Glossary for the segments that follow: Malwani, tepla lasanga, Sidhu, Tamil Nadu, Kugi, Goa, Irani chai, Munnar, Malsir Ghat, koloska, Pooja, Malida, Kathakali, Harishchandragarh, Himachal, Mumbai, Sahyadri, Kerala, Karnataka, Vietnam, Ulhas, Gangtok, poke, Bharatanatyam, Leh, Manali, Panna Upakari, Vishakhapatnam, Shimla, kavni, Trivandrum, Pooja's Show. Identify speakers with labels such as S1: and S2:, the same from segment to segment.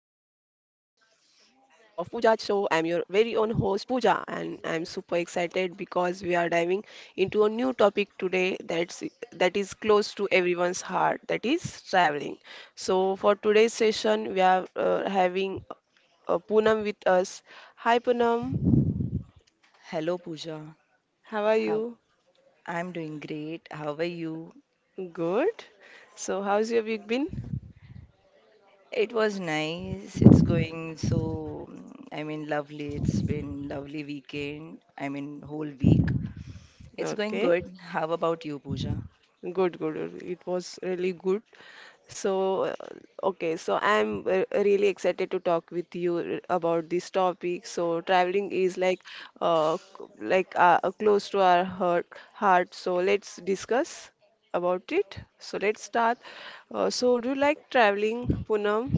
S1: episode of Pooja's Show. I'm your very own host, Pooja, and I'm super excited because we are diving into a new topic today that is close to everyone's heart, that is traveling. So, for today's session, we are having Poonam with us. Hi, Poonam,
S2: Hello, Pooja.
S1: how are
S2: How
S1: you?
S2: I'm doing great. How are you?
S1: Good. So, how's your week been?
S2: It was nice. It's going so, I mean, lovely. It's been lovely weekend. I mean, whole week. It's going
S1: Okay.
S2: good. How about you, Pooja?
S1: Good, good, good. It was really good. So, okay, so I'm really excited to talk with you about this topic. So, traveling is like close to our heart. So, let's discuss about it. So, let's start. So, do you like traveling, Poonam?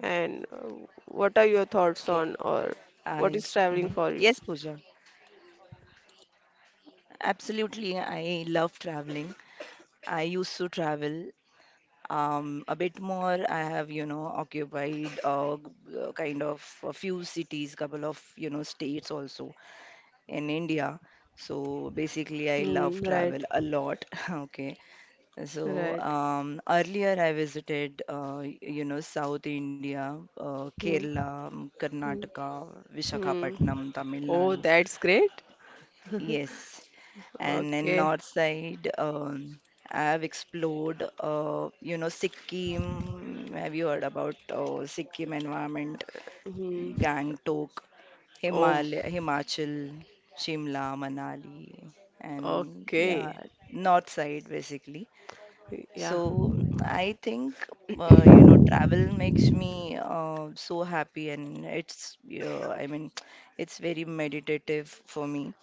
S1: And
S2: Okay.
S1: what are your thoughts
S2: I
S1: on, or
S2: hmm Yes,
S1: what is
S2: Pooja.
S1: traveling for you?
S2: Absolutely. I love traveling. I used to travel a bit more. I have, occupied kind of a few cities, couple of, states also. In India. So basically, I love
S1: Mm, right,
S2: travel a lot. Okay. So
S1: right.
S2: earlier, I visited, South India,
S1: Mm,
S2: Kerala,
S1: mm.
S2: Karnataka,
S1: Hmm.
S2: Vishakhapatnam, Tamil
S1: Oh,
S2: Nadu.
S1: that's great.
S2: Yes. And in
S1: Okay.
S2: north side, I have explored, Sikkim. Have you heard about Sikkim environment?
S1: Hmm.
S2: Gangtok,
S1: Oh,
S2: Himachal, Shimla, Manali, and yeah,
S1: okay.
S2: north side basically.
S1: Yeah.
S2: So I think travel makes me so happy, and I mean, it's very meditative for me.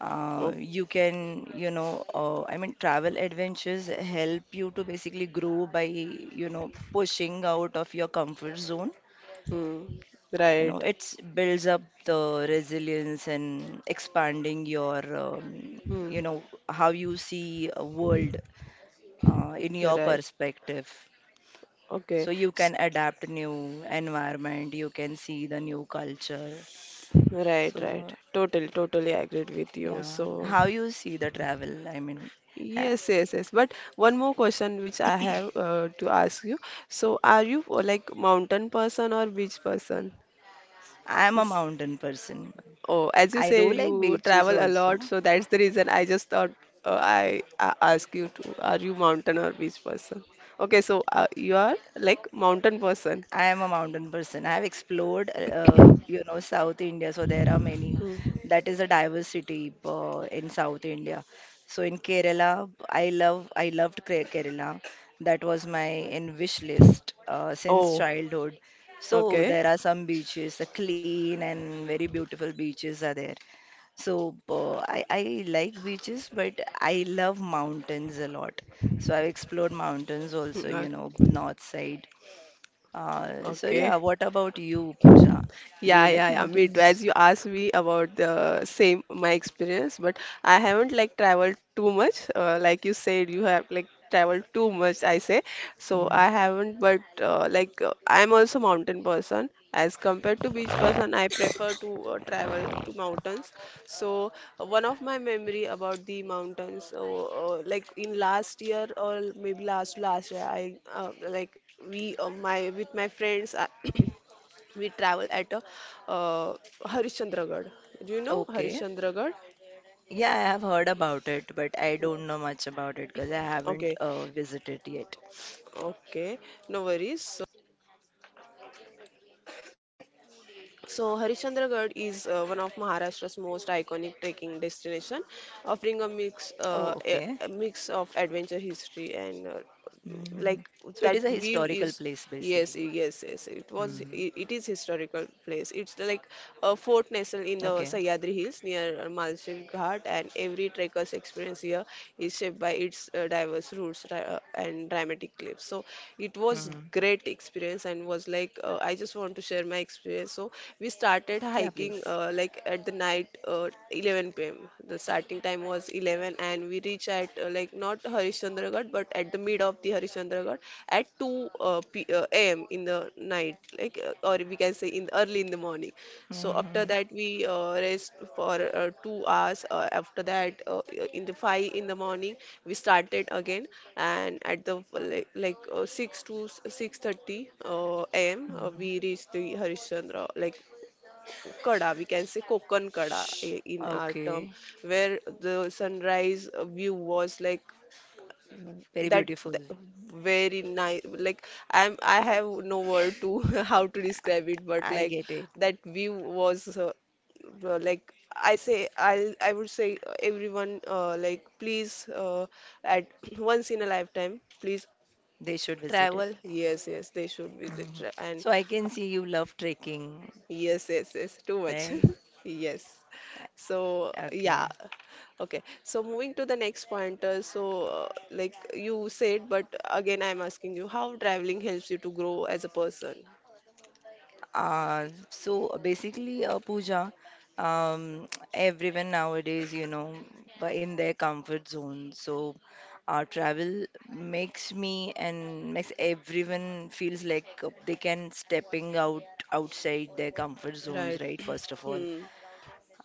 S1: Oh,
S2: You can I mean travel adventures help you to basically grow by pushing out of your comfort zone.
S1: hmm.
S2: You
S1: Right.
S2: know it builds up the resilience and expanding your
S1: Hmm.
S2: how you see a world in your
S1: Right.
S2: perspective,
S1: Okay.
S2: so you can adapt new environment, you can see the new culture.
S1: Right,
S2: So
S1: right.
S2: uh,
S1: Totally, totally agreed with you.
S2: yeah,
S1: So,
S2: how you see the travel, I mean, ha-
S1: yes, yes, yes. But one more question which I have to ask you. So, are you like mountain person or beach person?
S2: I am a mountain person.
S1: Oh, as you
S2: I do
S1: say,
S2: like
S1: you
S2: beaches
S1: travel a lot,
S2: also.
S1: so that's the reason I just thought I ask you to, are you mountain or beach person? Okay, so you are like mountain person.
S2: I am a mountain person. I have explored, you know, South India, so there are many.
S1: Hmm.
S2: That is a diversity in South India. So in Kerala, I loved Kerala. That was my in wish list since
S1: Oh,
S2: childhood. So
S1: okay.
S2: there are some beaches, clean and very beautiful beaches are there. So I like beaches, but I love mountains a lot. So I've explored
S1: Hmm,
S2: mountains
S1: uh,
S2: also, you know, north side. So
S1: Okay.
S2: yeah, what about you, Pooja? Do you
S1: Yeah,
S2: like
S1: yeah, yeah. Me too.
S2: mountains?
S1: As you asked me about the same my experience, but I haven't like traveled too much. Like you said, you have like traveled too much. I say so.
S2: Hmm.
S1: I haven't, but like I'm also mountain person. As compared to beach person, I prefer to travel to mountains. So one of my memory about the mountains, like in last year or maybe last year, I like we my with my friends. I we travel at a, uh, Harishchandragarh. Do you know
S2: Okay.
S1: Harishchandragarh?
S2: Yeah, I have heard about it, but I don't know much about it because I haven't
S1: Okay,
S2: visited yet.
S1: okay, no worries. So Harishchandragarh is one of Maharashtra's most iconic trekking destination, offering a mix
S2: Oh, okay.
S1: of adventure, history, and
S2: Hmm.
S1: like
S2: So it is a
S1: that view
S2: historical
S1: is,
S2: place, basically.
S1: yes, yes, yes, it was,
S2: Hmm.
S1: it is historical place. It's like a fort nestled in the
S2: Okay.
S1: Sahyadri Hills near Malsir Ghat, and every trekker's experience here is shaped by its diverse routes and dramatic cliffs. So it was
S2: Hmm.
S1: great experience, and was like I just want to share my experience. So we started
S2: Yeah,
S1: hiking
S2: please.
S1: like at the night 11 p.m. The starting time was 11, and we reached at like not Harishchandragarh but at the mid of the Harishchandragarh at 2 p am in the night, like or we can say in early in the morning. So after
S2: Hmm.
S1: that we rest for 2 hours, after that, in the 5 in the morning we started again. And at the 6 to 6:30 am, we
S2: Hmm.
S1: reached the Harishchandra like kada, we can say Kokon kada in our term,
S2: Okay.
S1: where the sunrise view was like
S2: Very
S1: that,
S2: beautiful.
S1: th- very nice. Like I have no word to how to describe it, but
S2: I
S1: like
S2: get it.
S1: that view was, like I say, I would say everyone like, please, at once in a lifetime, please
S2: They should visit it.
S1: travel, yes, yes, they should visit
S2: Hmm.
S1: and
S2: So I can see you love trekking,
S1: yes, yes, yes, too much.
S2: right?
S1: Yes. So, yeah.
S2: Okay.
S1: Okay. So, moving to the next point. Like you said, but again, I'm asking you, how traveling helps you to grow as a person.
S2: So basically, Pooja, um, everyone nowadays, but in their comfort zone. So travel makes me and makes everyone feels like they can stepping out outside their comfort zones,
S1: Right.
S2: right? First of all,
S1: Hmm.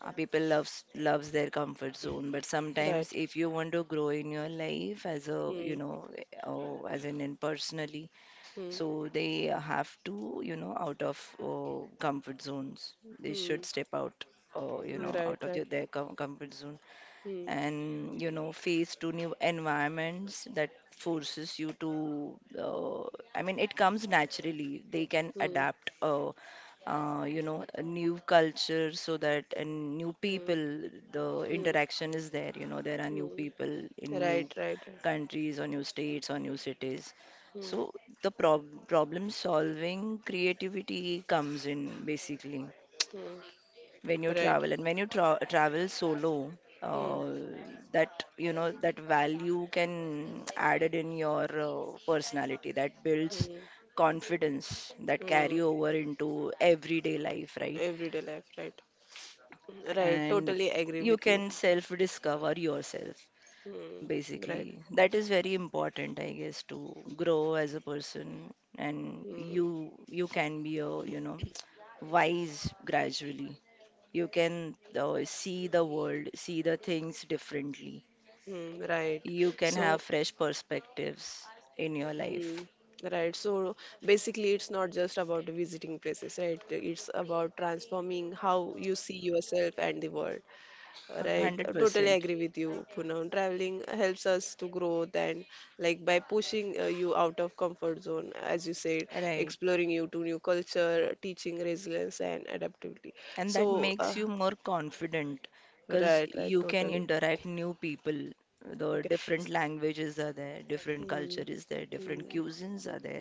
S2: people loves their comfort zone, but
S1: Right.
S2: sometimes if you want to grow in your life as a, you
S1: Hmm.
S2: know, uh, as in, in personally.
S1: Hmm.
S2: So they have to, out of comfort zones. They
S1: Hmm.
S2: should step out,
S1: Right.
S2: out of
S1: Right.
S2: comfort zone,
S1: Hmm.
S2: and face to new environments that forces you to I mean, it comes naturally, they can
S1: Hmm.
S2: adapt a new culture, so that and new
S1: Hmm.
S2: people, the
S1: Hmm.
S2: interaction is there. There are new
S1: Hmm.
S2: people in new
S1: Right. Right.
S2: countries or new states or new cities.
S1: Hmm.
S2: So the problem solving creativity comes in, basically,
S1: Hmm.
S2: when you
S1: Right.
S2: travel, and when you travel solo,
S1: Hmm.
S2: uh, that that value can added in your personality, that builds
S1: Hmm.
S2: confidence, that carry
S1: Hmm.
S2: over into everyday life, right?
S1: Everyday life. Right. Hmm. Right.
S2: And
S1: Totally agree
S2: you
S1: with you.
S2: can self discover yourself,
S1: Mm,
S2: basically.
S1: right.
S2: That is very important, I guess, to grow as a person. And
S1: Mm,
S2: you can be a, you know, wise gradually. You can see the world, see the things differently.
S1: mm, right.
S2: You can have
S1: So,
S2: fresh perspectives in your life.
S1: mm, right. So basically, it's not just about visiting places, right? It's about transforming how you see yourself and the world, right? Totally
S2: 100%.
S1: agree with you, Poonam. Traveling helps us to grow and, like, by pushing you out of comfort zone, as you said,
S2: Right.
S1: exploring you to new culture, teaching resilience and adaptability.
S2: And that
S1: So,
S2: makes you more confident because
S1: right, right,
S2: you can
S1: totally.
S2: interact new people. The
S1: Okay. S-
S2: different languages are there, different culture
S1: mm.
S2: is there, different cuisines are there.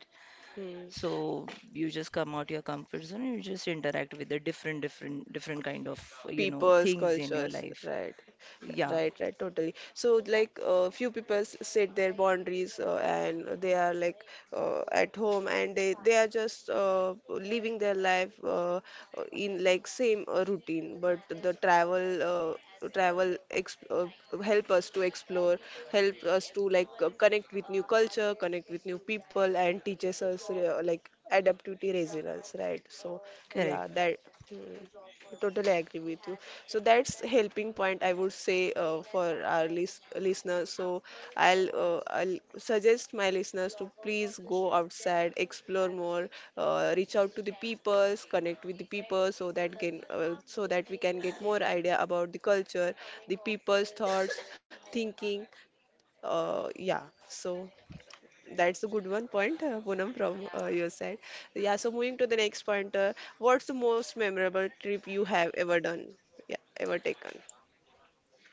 S1: Hmm.
S2: So you just come out your comfort zone and you just interact with the different, different, different kind of, you know,
S1: People's
S2: things in your
S1: cultures,
S2: life.
S1: right,
S2: Yeah.
S1: right, right, totally. So, like, few people set their boundaries, and they are like at home, and they are just living their life in like same routine. But the travel exp help us to explore, help us to, like, connect with new culture, connect with new people, and teaches us like adaptivity, resilience, right? So, yeah, that. Hmm. Totally agree with you. So that's helping point, I would say, for our listeners. So I'll suggest my listeners to please go outside, explore more, reach out to the peoples, connect with the people, so that can, so that we can get more idea about the culture, the people's thoughts, thinking. Yeah. So that's a good one point, Poonam, from your side. Yeah, so moving to the next point, what's the most memorable trip you have ever done? Yeah, ever taken?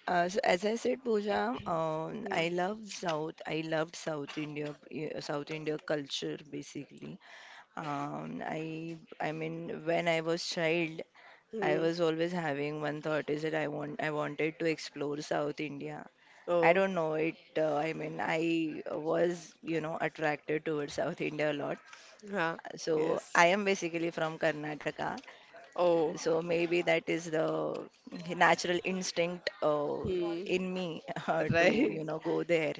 S2: So as I said, Pooja,
S1: Hmm.
S2: I love South. I loved South India, South India culture basically. I mean, when I was child, I
S1: Hmm.
S2: was always having one thought is that I wanted to explore South India. I
S1: Oh,
S2: don't know it. I mean, I was, attracted towards South India a lot.
S1: huh.
S2: So
S1: Yes.
S2: I am basically from Karnataka,
S1: Oh.
S2: so maybe that is the natural instinct
S1: Hmm.
S2: in me to,
S1: Right.
S2: go there.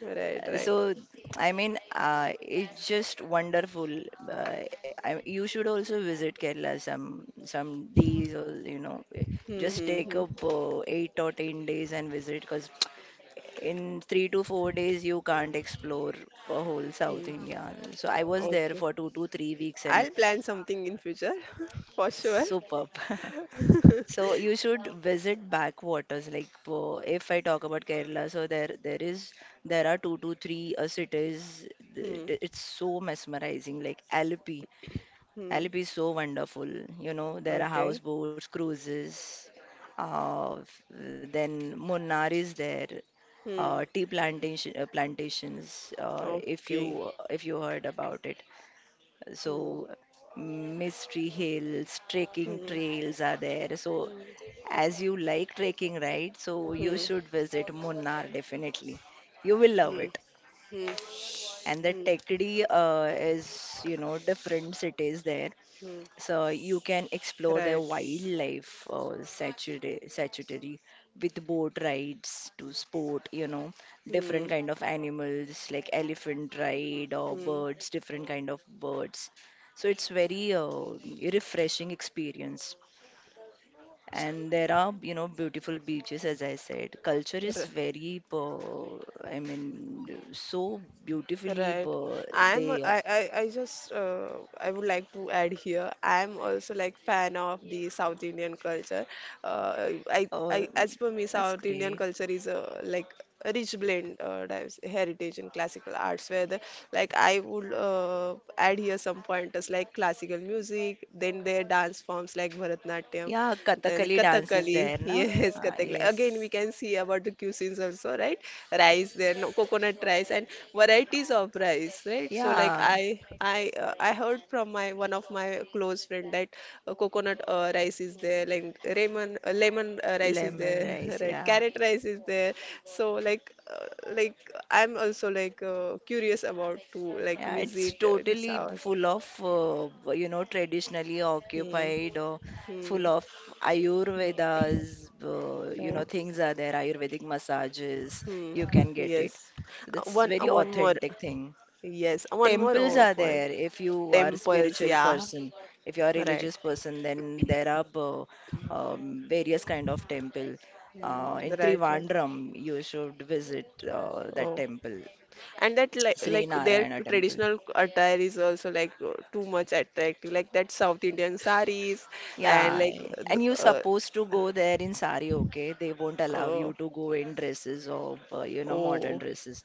S1: Right, right.
S2: So, I mean, it's just wonderful. Uh, you should also visit Kerala some days, or
S1: Hmm,
S2: just
S1: hmm,
S2: take
S1: hmm.
S2: up 8 or 10 days and visit, because in 3 to 4 days you can't explore a whole South
S1: Hmm.
S2: India. So I was there
S1: Okay.
S2: for 2 to 3 weeks, and
S1: I'll plan something in future for sure.
S2: superb. So you should visit backwaters. Like, if I talk about Kerala, so there are two to three cities.
S1: Hmm.
S2: It's so mesmerizing. Like
S1: Hmm.
S2: Alleppey is so wonderful. You know, there are
S1: Okay.
S2: houseboats, cruises. Then Munnar is there.
S1: Hmm.
S2: Tea plantations. If
S1: Okay.
S2: you heard about it,
S1: Hmm.
S2: so mystery hills, trekking
S1: Hmm.
S2: trails are there. So, as you like trekking, right? So you
S1: Hmm.
S2: should visit Munnar definitely. You will love
S1: Hmm.
S2: it.
S1: Hmm.
S2: And the
S1: Mm,
S2: Tekdi is, you know, different cities there.
S1: mm,
S2: So you can explore the
S1: right.
S2: wildlife sanctuary with boat rides to sport, different
S1: Mm,
S2: kind of animals like elephant ride or
S1: mm.
S2: birds, different kind of birds. So it's very refreshing experience.
S1: So-
S2: And there are, beautiful beaches, as I said. Culture is
S1: R-
S2: very, I mean, so beautifully,
S1: Right.
S2: they,
S1: I just, I would like to add here. I'm also like fan of the South Indian culture. I
S2: uh,
S1: I as per me,
S2: that's
S1: South Indian
S2: great.
S1: culture is a, like, a rich blend heritage in classical arts, where the, like, I would add here some pointers like classical music, then their dance forms like Bharatanatyam,
S2: Yeah,
S1: then
S2: Kathakali dance is
S1: Kathakali.
S2: there, na?
S1: Yes,
S2: Ah,
S1: Kathakali. Again,
S2: yes.
S1: we can see about the cuisines also, right? Rice there, no, coconut rice, and varieties of rice, right? So like
S2: Yeah,
S1: I heard from my one of my close friend that coconut rice is there, like lemon rice is
S2: lemon
S1: there,
S2: rice.
S1: right?
S2: Yeah,
S1: Carrot rice is there. So like, I'm also like curious about to like
S2: yeah. It's
S1: visit in
S2: totally
S1: South.
S2: full of traditionally
S1: Hmm.
S2: occupied, or
S1: Hmm.
S2: full of
S1: Hmm.
S2: Ayurveda's
S1: Right.
S2: things are there. Ayurvedic massages
S1: Hmm.
S2: you can get it.
S1: Yes.
S2: So that's
S1: One uh,
S2: very
S1: one more.
S2: authentic thing.
S1: Yes, one more,
S2: Temples are
S1: point.
S2: there. If you are a
S1: Temples,
S2: spiritual
S1: yeah.
S2: person, if you are a
S1: Right.
S2: religious person, then there are various kind of temple in
S1: Mm, right, right.
S2: Trivandrum. You should visit that
S1: Oh,
S2: temple,
S1: and that like
S2: Sri
S1: their
S2: Narayana temple,
S1: traditional attire is also like too much attractive, like that South Indian sarees, and
S2: yeah.
S1: like
S2: And you're supposed to go there in sari. Okay, they won't
S1: uh,
S2: allow you
S1: uh,
S2: to go in dresses or modern
S1: oh,
S2: dresses.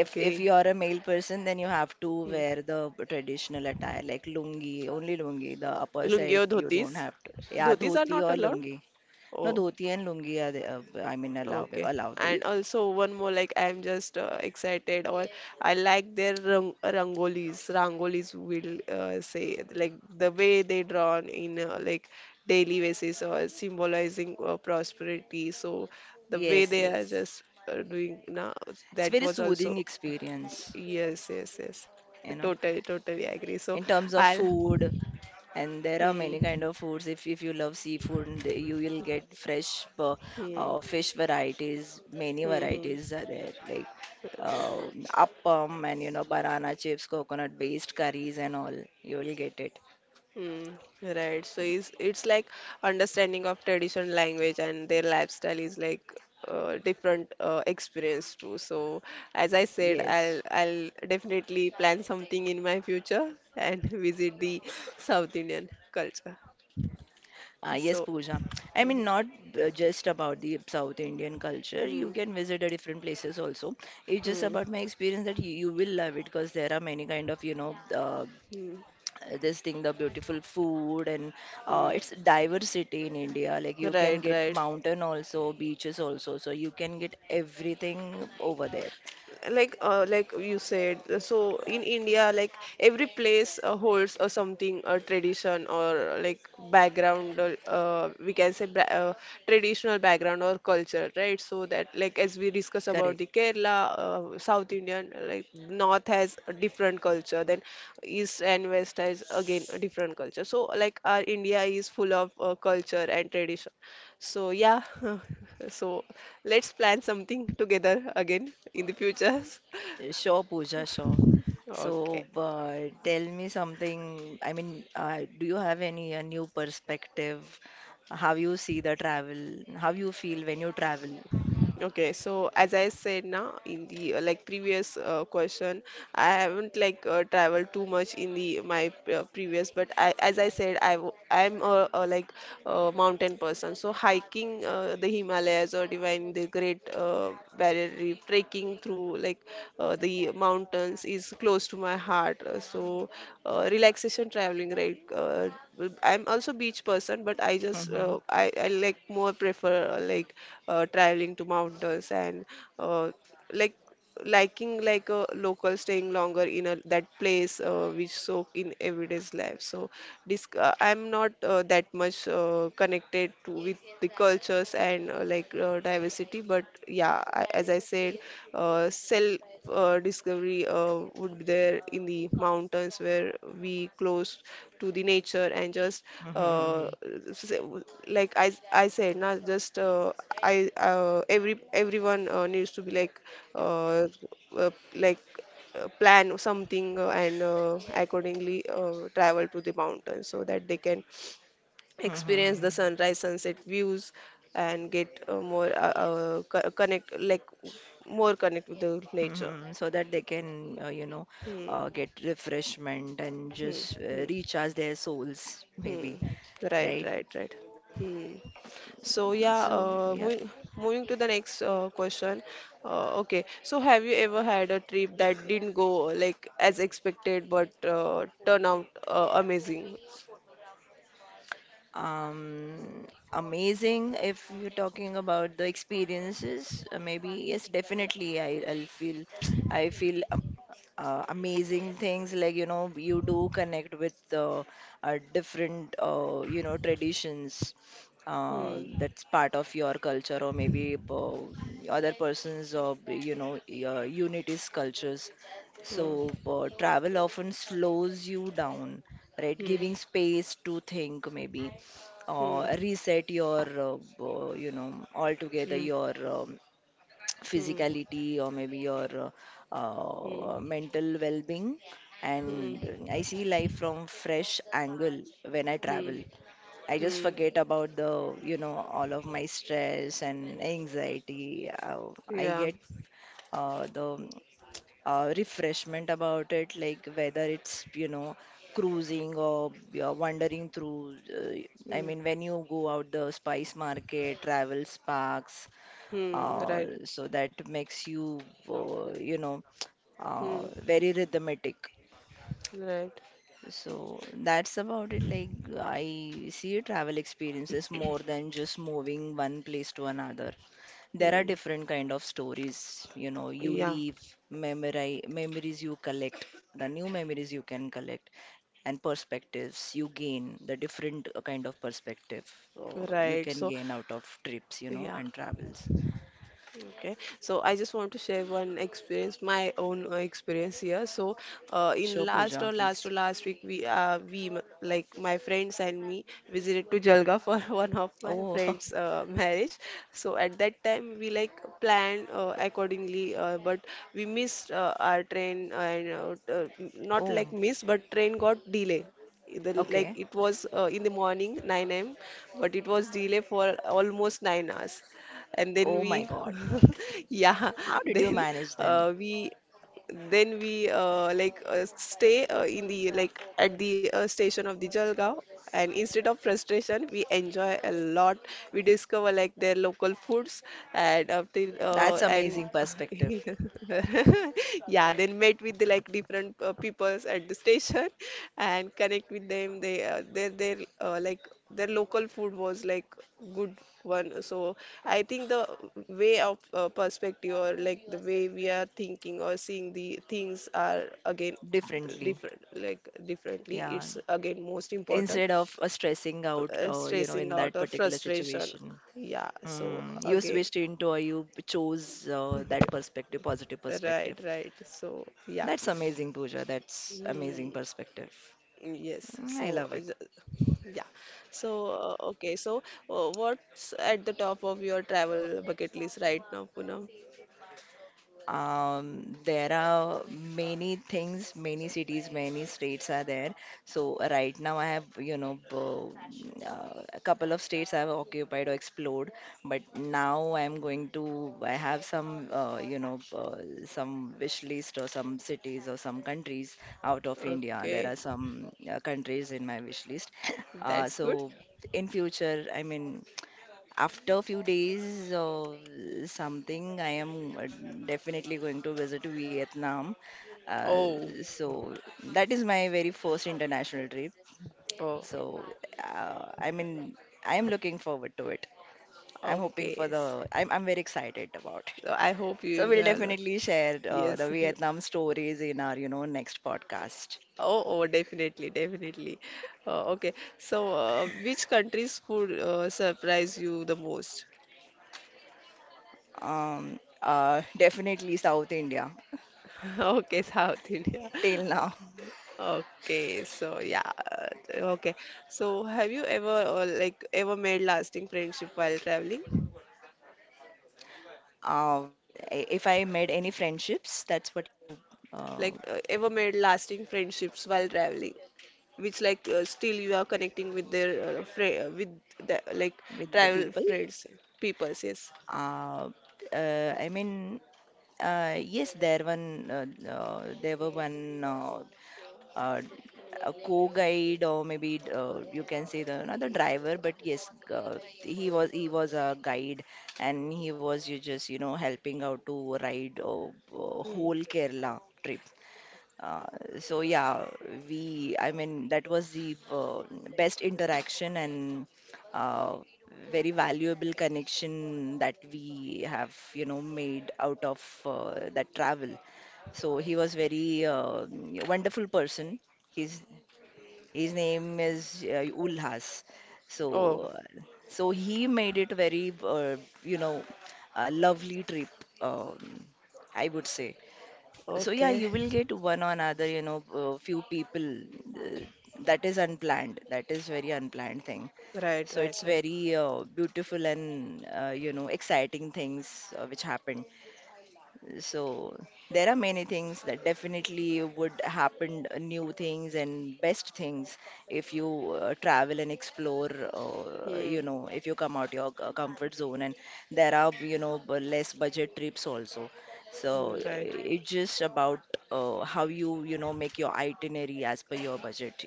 S2: If you are a male person, then you have to
S1: Hmm.
S2: wear the traditional attire like lungi, only lungi. The upper
S1: Lungi
S2: side
S1: or
S2: you don't
S1: dhotis?
S2: have to. Yeah,
S1: Dhotis are
S2: dhoti
S1: not
S2: or
S1: allowed.
S2: lungi. No,
S1: Oh,
S2: dhoti and lungi are the, I mean,
S1: okay.
S2: allowable.
S1: And also one more, like, I'm just excited, or I like their rangolis. Rangolis will, say, like the way they drawn in, like daily basis, or symbolizing prosperity. So the way
S2: Yes,
S1: they are
S2: yes.
S1: just doing now,
S2: It's
S1: that
S2: very
S1: was also,
S2: soothing experience,
S1: yes, yes, yes,
S2: you know,
S1: totally, totally agree. So
S2: in terms of
S1: I'll,
S2: food, and there are
S1: hmm,
S2: many kind of foods. If you love seafood, and you will get fresh
S1: hmm,
S2: fish varieties, many
S1: hmm, hmm.
S2: varieties are there, like uh, appam, and banana chips, coconut based curries, and all you will get it.
S1: Mm, right. So it's like understanding of traditional language and their lifestyle is, like, different experience too. So as I said, I'll
S2: Yes.
S1: I'll definitely plan something in my future and visit the South Indian culture.
S2: Ah, yes,
S1: So,
S2: Pooja. I mean, not just about the South Indian culture. You
S1: hmm,
S2: can visit the different places also. It's just
S1: hmm,
S2: about my experience that you will love it because there are many kind of,
S1: hmm,
S2: this thing, the beautiful food, and
S1: hmm.
S2: it's diversity in India. Like, you
S1: Right,
S2: can get
S1: right.
S2: mountain also, beaches also, so you can get everything over there.
S1: Like, you said, so in India, like, every place holds or something, a tradition, or, like, background, or, we can say, traditional background or culture, right? So that, like, as we discuss about
S2: Correct.
S1: the Kerala, South Indian, like, North has a different culture, then East and West has again a different culture. So like our India is full of culture and tradition. So yeah, so let's plan something together again in the future.
S2: Sure, Pooja, sure. So,
S1: Okay.
S2: but tell me something, I mean, do you have any a new perspective, how you see the travel, how you feel when you travel?
S1: Okay, so as I said now in the like previous question, I haven't like traveled too much in the my previous, but I as I said I w- I'm a like a mountain person, so hiking the Himalayas or divine the great barrier reef trekking through the mountains is close to my heart. Relaxation traveling, right. I'm also beach person, but i just
S2: Mm-hmm.
S1: uh, I, I like more prefer traveling to mountains and uh, like liking like a local, staying longer in a that place which soak in everyday's life. So disc I'm not that much connected to with the cultures and diversity. But yeah, as I said, self discovery would be there in the mountains where we close to the nature and just
S2: Mm-hmm. Mm-hmm,
S1: uh,
S2: mm-hmm,
S1: s- like I said, not just I everyone needs to be uh, uh, like plan something and accordingly travel to the mountains, so that they can
S2: mm-hmm.
S1: experience the sunrise sunset views and get connect like more connect with the nature.
S2: Mhm, so that they can,
S1: Hmm.
S2: get refreshment and
S1: Hmm.
S2: just
S1: Hmm.
S2: recharge their souls, maybe,
S1: Hmm. Right,
S2: right?
S1: right, right. Hmm. So yeah,
S2: So, yeah.
S1: moving to the next question. Okay, so have you ever had a trip that didn't go like as expected but turn out amazing?
S2: Um, Amazing, if you're talking about the experiences, maybe yes, definitely, I feel amazing things, like you do connect with different traditions,
S1: Hmm.
S2: that's part of your culture, or maybe other person's unity's cultures.
S1: Hmm.
S2: So, travel often slows you down, right?
S1: Hmm.
S2: Giving space to think, maybe
S1: Hmm.
S2: reset your uh, altogether
S1: Hmm.
S2: your
S1: Hmm.
S2: physicality, or maybe your
S1: Hmm.
S2: mental well-being,
S1: Hmm.
S2: and I see life from fresh angle. When I
S1: Hmm.
S2: travel, I just
S1: Hmm.
S2: forget about the all of my stress and anxiety. I
S1: Yeah.
S2: get the refreshment about it, like whether it's, cruising or you're wandering through. I
S1: Hmm.
S2: mean, when you go out the spice market, travel sparks,
S1: Hmm.
S2: uh,
S1: Right.
S2: so that makes uh, you know,
S1: Hmm.
S2: very rhythmic.
S1: Right.
S2: So that's about it. Like, I see travel experiences more than just moving one place to another. There are
S1: Hmm.
S2: different kind of stories, you
S1: Yeah.
S2: leave, memories you collect, the new memories you can collect, and perspectives you gain, the different kind of perspective you
S1: Right.
S2: can
S1: So,
S2: gain out of trips,
S1: yeah.
S2: and travels.
S1: Okay, so I just want to share one experience, my own experience here. So, in
S2: Sure,
S1: last
S2: Pooja,
S1: or last to
S2: please.
S1: last week, like my friends and me visited to Jalga for one of my
S2: Oh.
S1: friends' marriage. So at that time we like planned accordingly, but we missed our train and not
S2: Oh,
S1: like miss, but train got delay. The, like
S2: okay.
S1: it was in the morning 9 a.m., but it was delay for almost 9 hours. And then
S2: Oh my
S1: we
S2: God.
S1: yeah,
S2: How did you
S1: then
S2: manage then?
S1: we then we stay in the like at the station of the Jalgaon. And instead of frustration, we enjoy a lot. We discover like their local foods. And after
S2: That's
S1: and
S2: amazing perspective.
S1: yeah, then met with the, like different peoples at the station and connect with them. They their like their local food was like good one. So I think the way of perspective, or like the way we are thinking or seeing the things, are again
S2: Differently.
S1: different, like differently,
S2: Yeah.
S1: it's again most important.
S2: Instead of stressing out, in
S1: Stressing
S2: that
S1: out or
S2: particular
S1: frustration,
S2: situation,
S1: yeah. So
S2: Hmm. you
S1: again,
S2: switched into or you chose that perspective, positive perspective.
S1: right, right. So yeah.
S2: That's amazing, Pooja. That's amazing
S1: Mm,
S2: perspective.
S1: yes.
S2: Mm,
S1: So
S2: I love it.
S1: yeah. So okay, so what's at the top of your travel bucket list right now, Poonam?
S2: There are many things, many cities, many states are there. So right now I have, you know, a couple of states I have occupied or explored, but now I'm going to, I have some, some wish list or some cities or some countries out of India. There
S1: Okay,
S2: are some countries in my wish list.
S1: that's good.
S2: So in future, I mean, after a few days or something, I am definitely going to visit Vietnam. Uh,
S1: Oh.
S2: so that is my very first international trip.
S1: Oh,
S2: So I mean, I am looking forward to it. I'm hoping for
S1: okay.
S2: the. I'm very excited about it.
S1: So I hope you
S2: So we'll
S1: enjoy a lot.
S2: definitely share the
S1: Yes. he-
S2: Vietnam stories in our, you know, next podcast.
S1: Oh, oh, definitely, definitely. Okay. So, which country's food surprise you the most?
S2: Definitely South India
S1: Okay, South India.
S2: till now.
S1: Okay, so yeah, okay. So, have you ever ever made lasting friendship while traveling?
S2: If I made any friendships, that's what you uh,
S1: Like ever made lasting friendships while traveling? Which like still you are connecting with their with the, like
S2: with the
S1: travel
S2: people.
S1: friends people, yes.
S2: Uh, I mean, yes, there were one uh, a co-guide, or maybe you can say the, not the driver, but yes, he was, he was a guide, and he was, you just, you know, helping out to ride, whole
S1: Hmm.
S2: Kerala trip. Uh, so yeah, we, I mean, that was the best interaction, and uh, very valuable connection that we have, you know, made out of that travel. So he was very wonderful person. His his name is Ulhas.
S1: Oh,
S2: So uh, so he made it very, you know, a lovely trip. Um, I would say. So yeah,
S1: okay.
S2: you will get one or other, you know, few people. Uh, that is unplanned. That is very unplanned thing.
S1: Right,
S2: So
S1: right,
S2: it's
S1: right.
S2: very beautiful and, you know, exciting things which happen. So there are many things that definitely would happen, new things and best things if you travel and explore,
S1: Hmm.
S2: you know, if you come out your comfort zone. And there are, you know, less budget trips also. So
S1: Mm, right,
S2: it's just about how you, you know, make your itinerary as per your budget.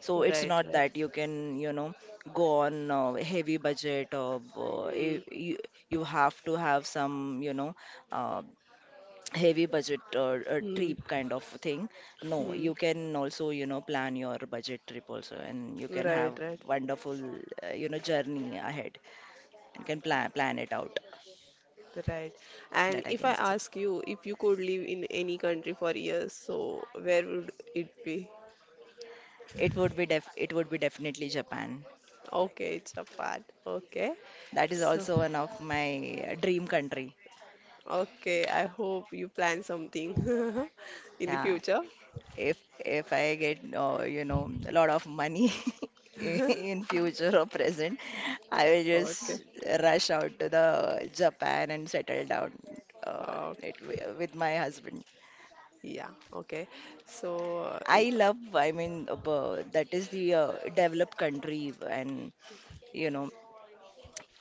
S2: So it's
S1: right,
S2: not
S1: right.
S2: that you can, you know, go on heavy budget, or
S1: Hmm.
S2: if you, you have to have some, you know, uh, heavy budget or a
S1: Hmm.
S2: trip kind of thing. No,
S1: Hmm.
S2: you can also, you know, plan your budget trip also, and you can have
S1: Right, right,
S2: wonderful, you know, journey ahead, and can plan it out.
S1: right. And
S2: That I
S1: if I
S2: can say.
S1: ask you, if you could live in any country for years, so where would it be?
S2: It would be def it would be definitely Japan.
S1: Okay, Japan. Okay.
S2: That is
S1: So,
S2: also one of my dream country.
S1: okay, I hope you plan something in the
S2: Yeah,
S1: future.
S2: if if I get, you know, a lot of money in future or present, I will
S1: Okay.
S2: just rush out to the Japan and settle down, uh,
S1: Oh,
S2: it, with my husband.
S1: yeah, okay. So,
S2: I love, I mean, that is the developed country and, you know,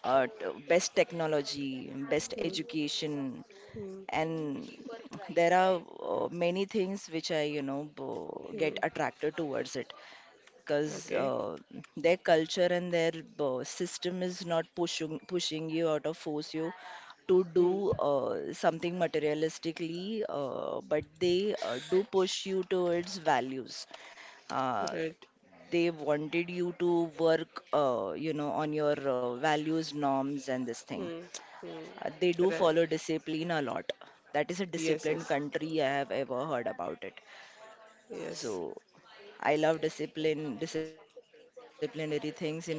S2: best technology, best
S1: hmm,
S2: education,
S1: hmm,
S2: and there are many things which I, you know, get
S1: hmm,
S2: attracted towards it, because
S1: okay.
S2: their culture and their system is not pushing you out or force you to
S1: Hmm,
S2: do something materialistically, but they do push you towards values. Uh,
S1: red.
S2: they wanted you to work, you know, on your values, norms, and this thing.
S1: Hmm, hmm,
S2: They do
S1: red.
S2: follow discipline a lot. That is a
S1: Yes,
S2: disciplined
S1: yes,
S2: country I have ever heard about it.
S1: yes.
S2: So I love discipline, disciplinary things in my life, and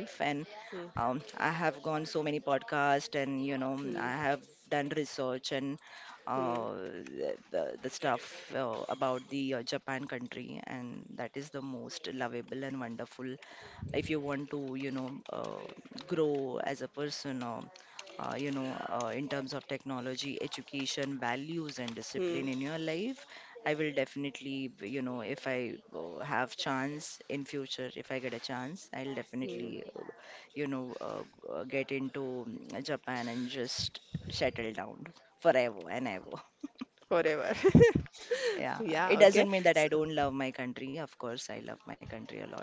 S2: I
S1: Hmm.
S2: have gone so many podcasts, and you know, I have
S1: hmm,
S2: done research, and
S1: hmm,
S2: the stuff about the Japan country, and that is the most lovable and wonderful. If you want to, you know, grow as a person, or in terms of technology, education, values, and
S1: hmm,
S2: discipline in your life, I will definitely, you know, if I have chance in future, if I get a chance, I'll
S1: hmm.
S2: definitely, you know, uh, get into, mm, Japan, and just settle down forever and ever.
S1: Forever.
S2: Yeah,
S1: Yeah,
S2: it
S1: okay.
S2: doesn't mean
S1: S
S2: that I don't love my country. Of course, I love my country a lot,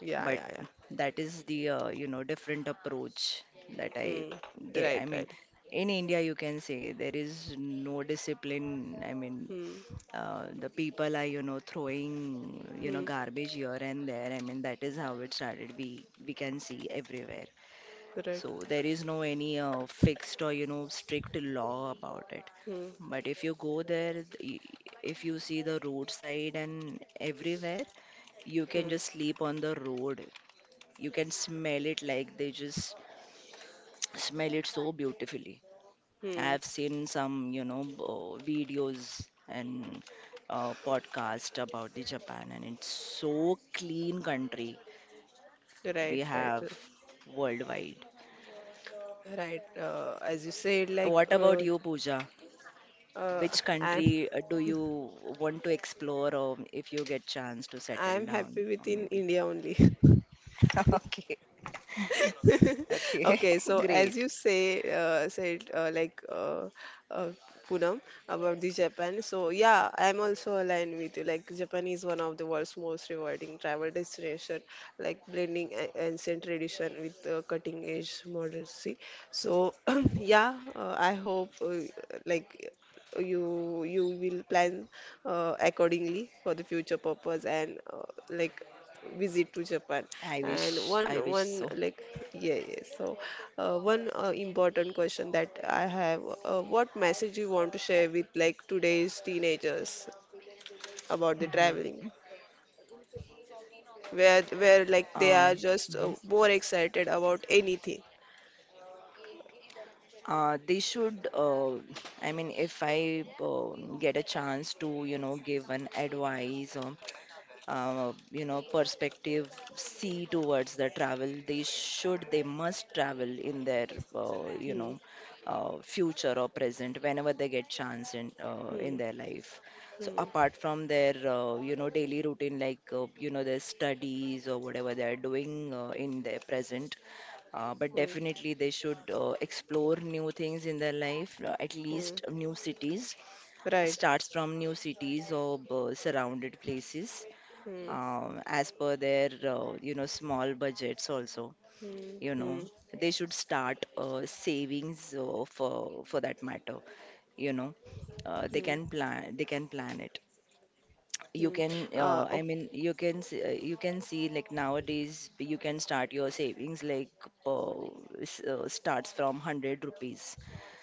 S1: yeah,
S2: but
S1: yeah, yeah.
S2: that is the, you know, different approach that I
S1: Hmm,
S2: get. I
S1: right,
S2: mean,
S1: right.
S2: in India, you can say there is no discipline. I mean,
S1: Hmm,
S2: the people are, you know, throwing, you know,
S1: hmm,
S2: garbage here and there. I mean, that is how it started. We can see everywhere,
S1: right.
S2: so there is no any fixed or, you know, strict law about it.
S1: Hmm,
S2: But if you go there, if you see the roadside and everywhere, you can
S1: hmm,
S2: just sleep on the road, you can smell it, like they just smell it so beautifully.
S1: hmm.
S2: I've seen some, you know, videos and podcast about the Japan, and it's so clean country we
S1: Right, right.
S2: have worldwide.
S1: Right, as you said,
S2: What about you, Pooja?
S1: uh,
S2: Which
S1: I'm
S2: country do you want to explore, or if you get chance to settle
S1: I'm
S2: down,
S1: happy
S2: or
S1: within
S2: maybe?
S1: India only.
S2: Okay, okay,
S1: Okay, so as
S2: great.
S1: you say said, uh, Poonam, about the Japan. So yeah, I'm also aligned with you. Like Japan is one of the world's most rewarding travel destination, like blending ancient tradition with cutting edge modernity. So yeah, I hope like you will plan accordingly for the future purpose and like visit to Japan. And one
S2: I wish
S1: one
S2: so.
S1: like yeah, yeah. So one important question that I have, what message you want to share with like today's teenagers about the
S2: Hmm.
S1: traveling, where like they
S2: Um,
S1: are just
S2: mhm.
S1: more excited about anything.
S2: They should, I mean, if I get a chance to, you know, give an advice, you know, perspective see towards the travel, they must travel in their uh, you
S1: Hmm.
S2: know future or present, whenever they get chance in
S1: Hmm.
S2: their life, so
S1: Hmm.
S2: apart from their you know, daily routine, like you know, their studies or whatever they are doing in their present, but
S1: Hmm.
S2: definitely they should explore new things in their life, at
S1: Hmm.
S2: least new cities,
S1: Right.
S2: starts from new cities or surrounded places,
S1: Hmm.
S2: as per their you know, small budgets also,
S1: Hmm.
S2: you
S1: Hmm.
S2: know, they should start savings for that matter, you know,
S1: Hmm.
S2: they can plan it.
S1: Hmm.
S2: You can,
S1: Oh.
S2: I mean, you can, you can see, like nowadays you can start your savings like, uh, starts from 100 rupees.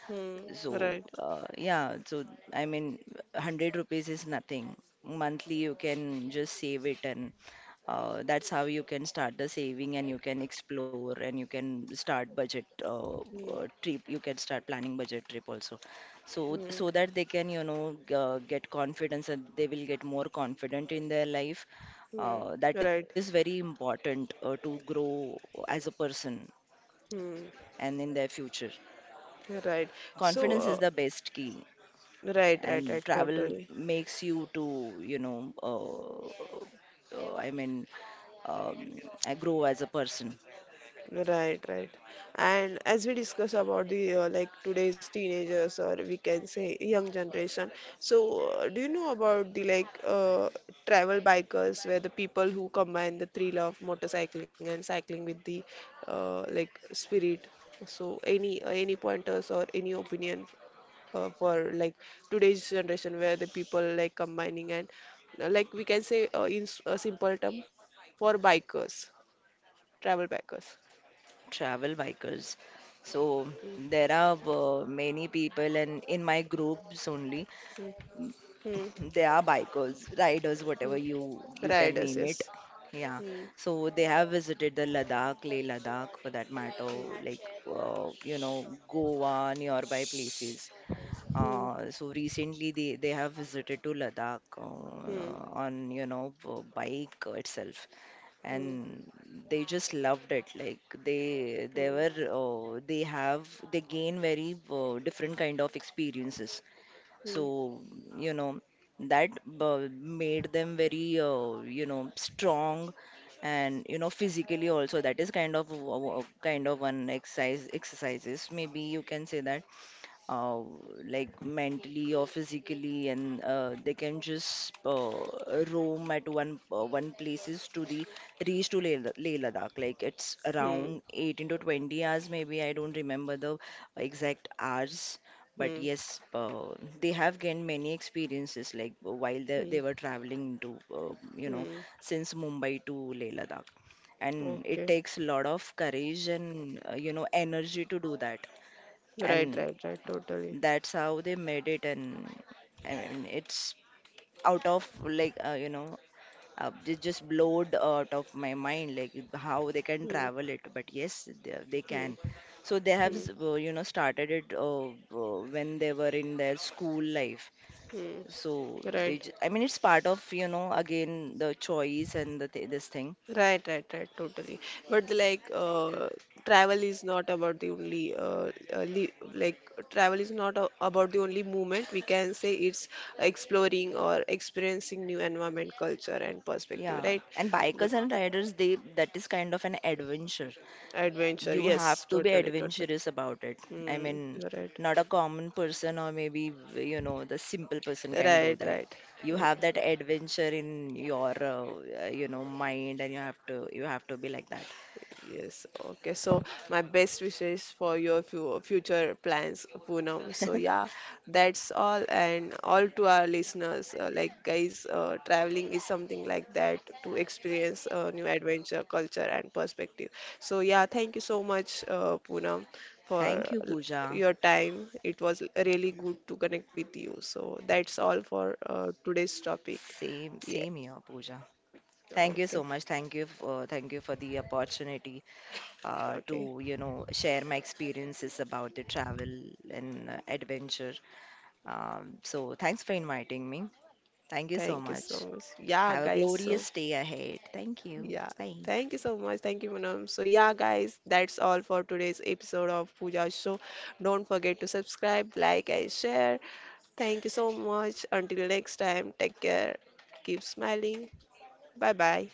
S1: Hmm.
S2: So,
S1: Right.
S2: yeah, so I mean, 100 rupees is nothing. Monthly, you can just save it, and that's how you can start the saving, and you can explore, and you can start budget
S1: Hmm.
S2: trip. You can start planning budget trip also. So,
S1: Hmm.
S2: so that they can, you know, get confidence, and they will get more confident in their life.
S1: Hmm.
S2: That is
S1: Right.
S2: very important to grow as a person
S1: Hmm.
S2: and in their future.
S1: Right. So,
S2: Confidence is the best key,
S1: right,
S2: and
S1: right, right,
S2: travel
S1: totally.
S2: makes you to, you know, I mean, I grow as a person.
S1: Right, right. And as we discuss about the like today's teenagers, or we can say young generation, so do you know about the travel bikers, where the people who combine the thrill of motorcycling and cycling with the spirit? So any pointers or any opinion for like today's generation, where the people like combining and like we can say a simple term for bikers, travel bikers.
S2: Travel bikers,
S1: Mm.
S2: so there are many people, and in my groups only,
S1: mm, mm,
S2: they are bikers, riders,
S1: mm.
S2: whatever you, you can
S1: Riders,
S2: name
S1: yes.
S2: it. Yeah,
S1: Mm,
S2: so they have visited the Ladakh, Leh Ladakh, for that matter,
S1: mm,
S2: like, you know, Goa, nearby places.
S1: mm, mm,
S2: So recently they have visited to Ladakh,
S1: mm, mm,
S2: on, you know, bike itself. And they just loved it. Like they were,
S1: mm,
S2: they have, they gain very different kind of experiences. So, you know, that made them very, you know, strong, and you know, physically also, that is kind of a kind of one exercise, exercises, maybe you can say that, uh, like mentally or physically, and they can just roam at one places to the reach to Leh, Leh Ladakh. Like it's around 18 to 20 hours, maybe I don't remember the exact hours.
S1: mm,
S2: But
S1: mm,
S2: yes, they have gained many experiences, like while they
S1: mm,
S2: were traveling to, you know,
S1: mm.
S2: since Mumbai to Leh Ladakh. And it
S1: Okay.
S2: takes a lot of courage and, you know, energy to do that,
S1: Right,
S2: and
S1: right, right. Totally.
S2: that's how they made it, and I mean, it's out of like, you know, it just blowed out of my mind, like how they can
S1: Mm,
S2: travel it. But yes, they
S1: mm,
S2: can. So they have,
S1: mm,
S2: you know, started it when they were in their school life.
S1: mm.
S2: So
S1: Right.
S2: they, I mean, it's part of, you know, again the choice and the th this thing.
S1: Right, right, right, totally. But like, travel is not about the only, li like, travel is not a about the only movement. We can say it's exploring or experiencing new environment, culture, and perspective,
S2: Yeah,
S1: right?
S2: and
S1: The
S2: bikers and riders, they, that is kind of an adventure.
S1: adventure,
S2: You
S1: yes,
S2: have to be
S1: totally, totally.
S2: adventurous about it. I
S1: Hmm,
S2: mean,
S1: right,
S2: not a common person, or maybe, you know, the simple person can do
S1: right,
S2: that.
S1: right.
S2: You have that adventure in your, you know, mind, and you have to be like that.
S1: Yes, okay. So my best wishes for your future plans, Poonam. So yeah, that's all, and all to our listeners, like guys, traveling is something like that, to experience new adventure, culture, and perspective. So yeah, thank you so much, Poonam, for
S2: Thank you,
S1: l-
S2: Pooja.
S1: your time. It was really good to connect with you. So that's all for today's topic.
S2: Same,
S1: Yeah.
S2: same here, Pooja. Thank you
S1: Okay.
S2: so much. Thank you for the opportunity
S1: Okay.
S2: to, you know, share my experiences about the travel and adventure. So thanks for inviting me. Thank you so
S1: Thank you so
S2: much.
S1: much. Yeah,
S2: Have a
S1: guys. So.
S2: glorious day ahead. Thank you.
S1: Yeah,
S2: Bye.
S1: thank you so much. Thank you, Manam. So, yeah, guys, that's all for today's episode of Pooja Show. Don't forget to subscribe, like, and share. Thank you so much. Until next time, take care. Keep smiling. Bye bye.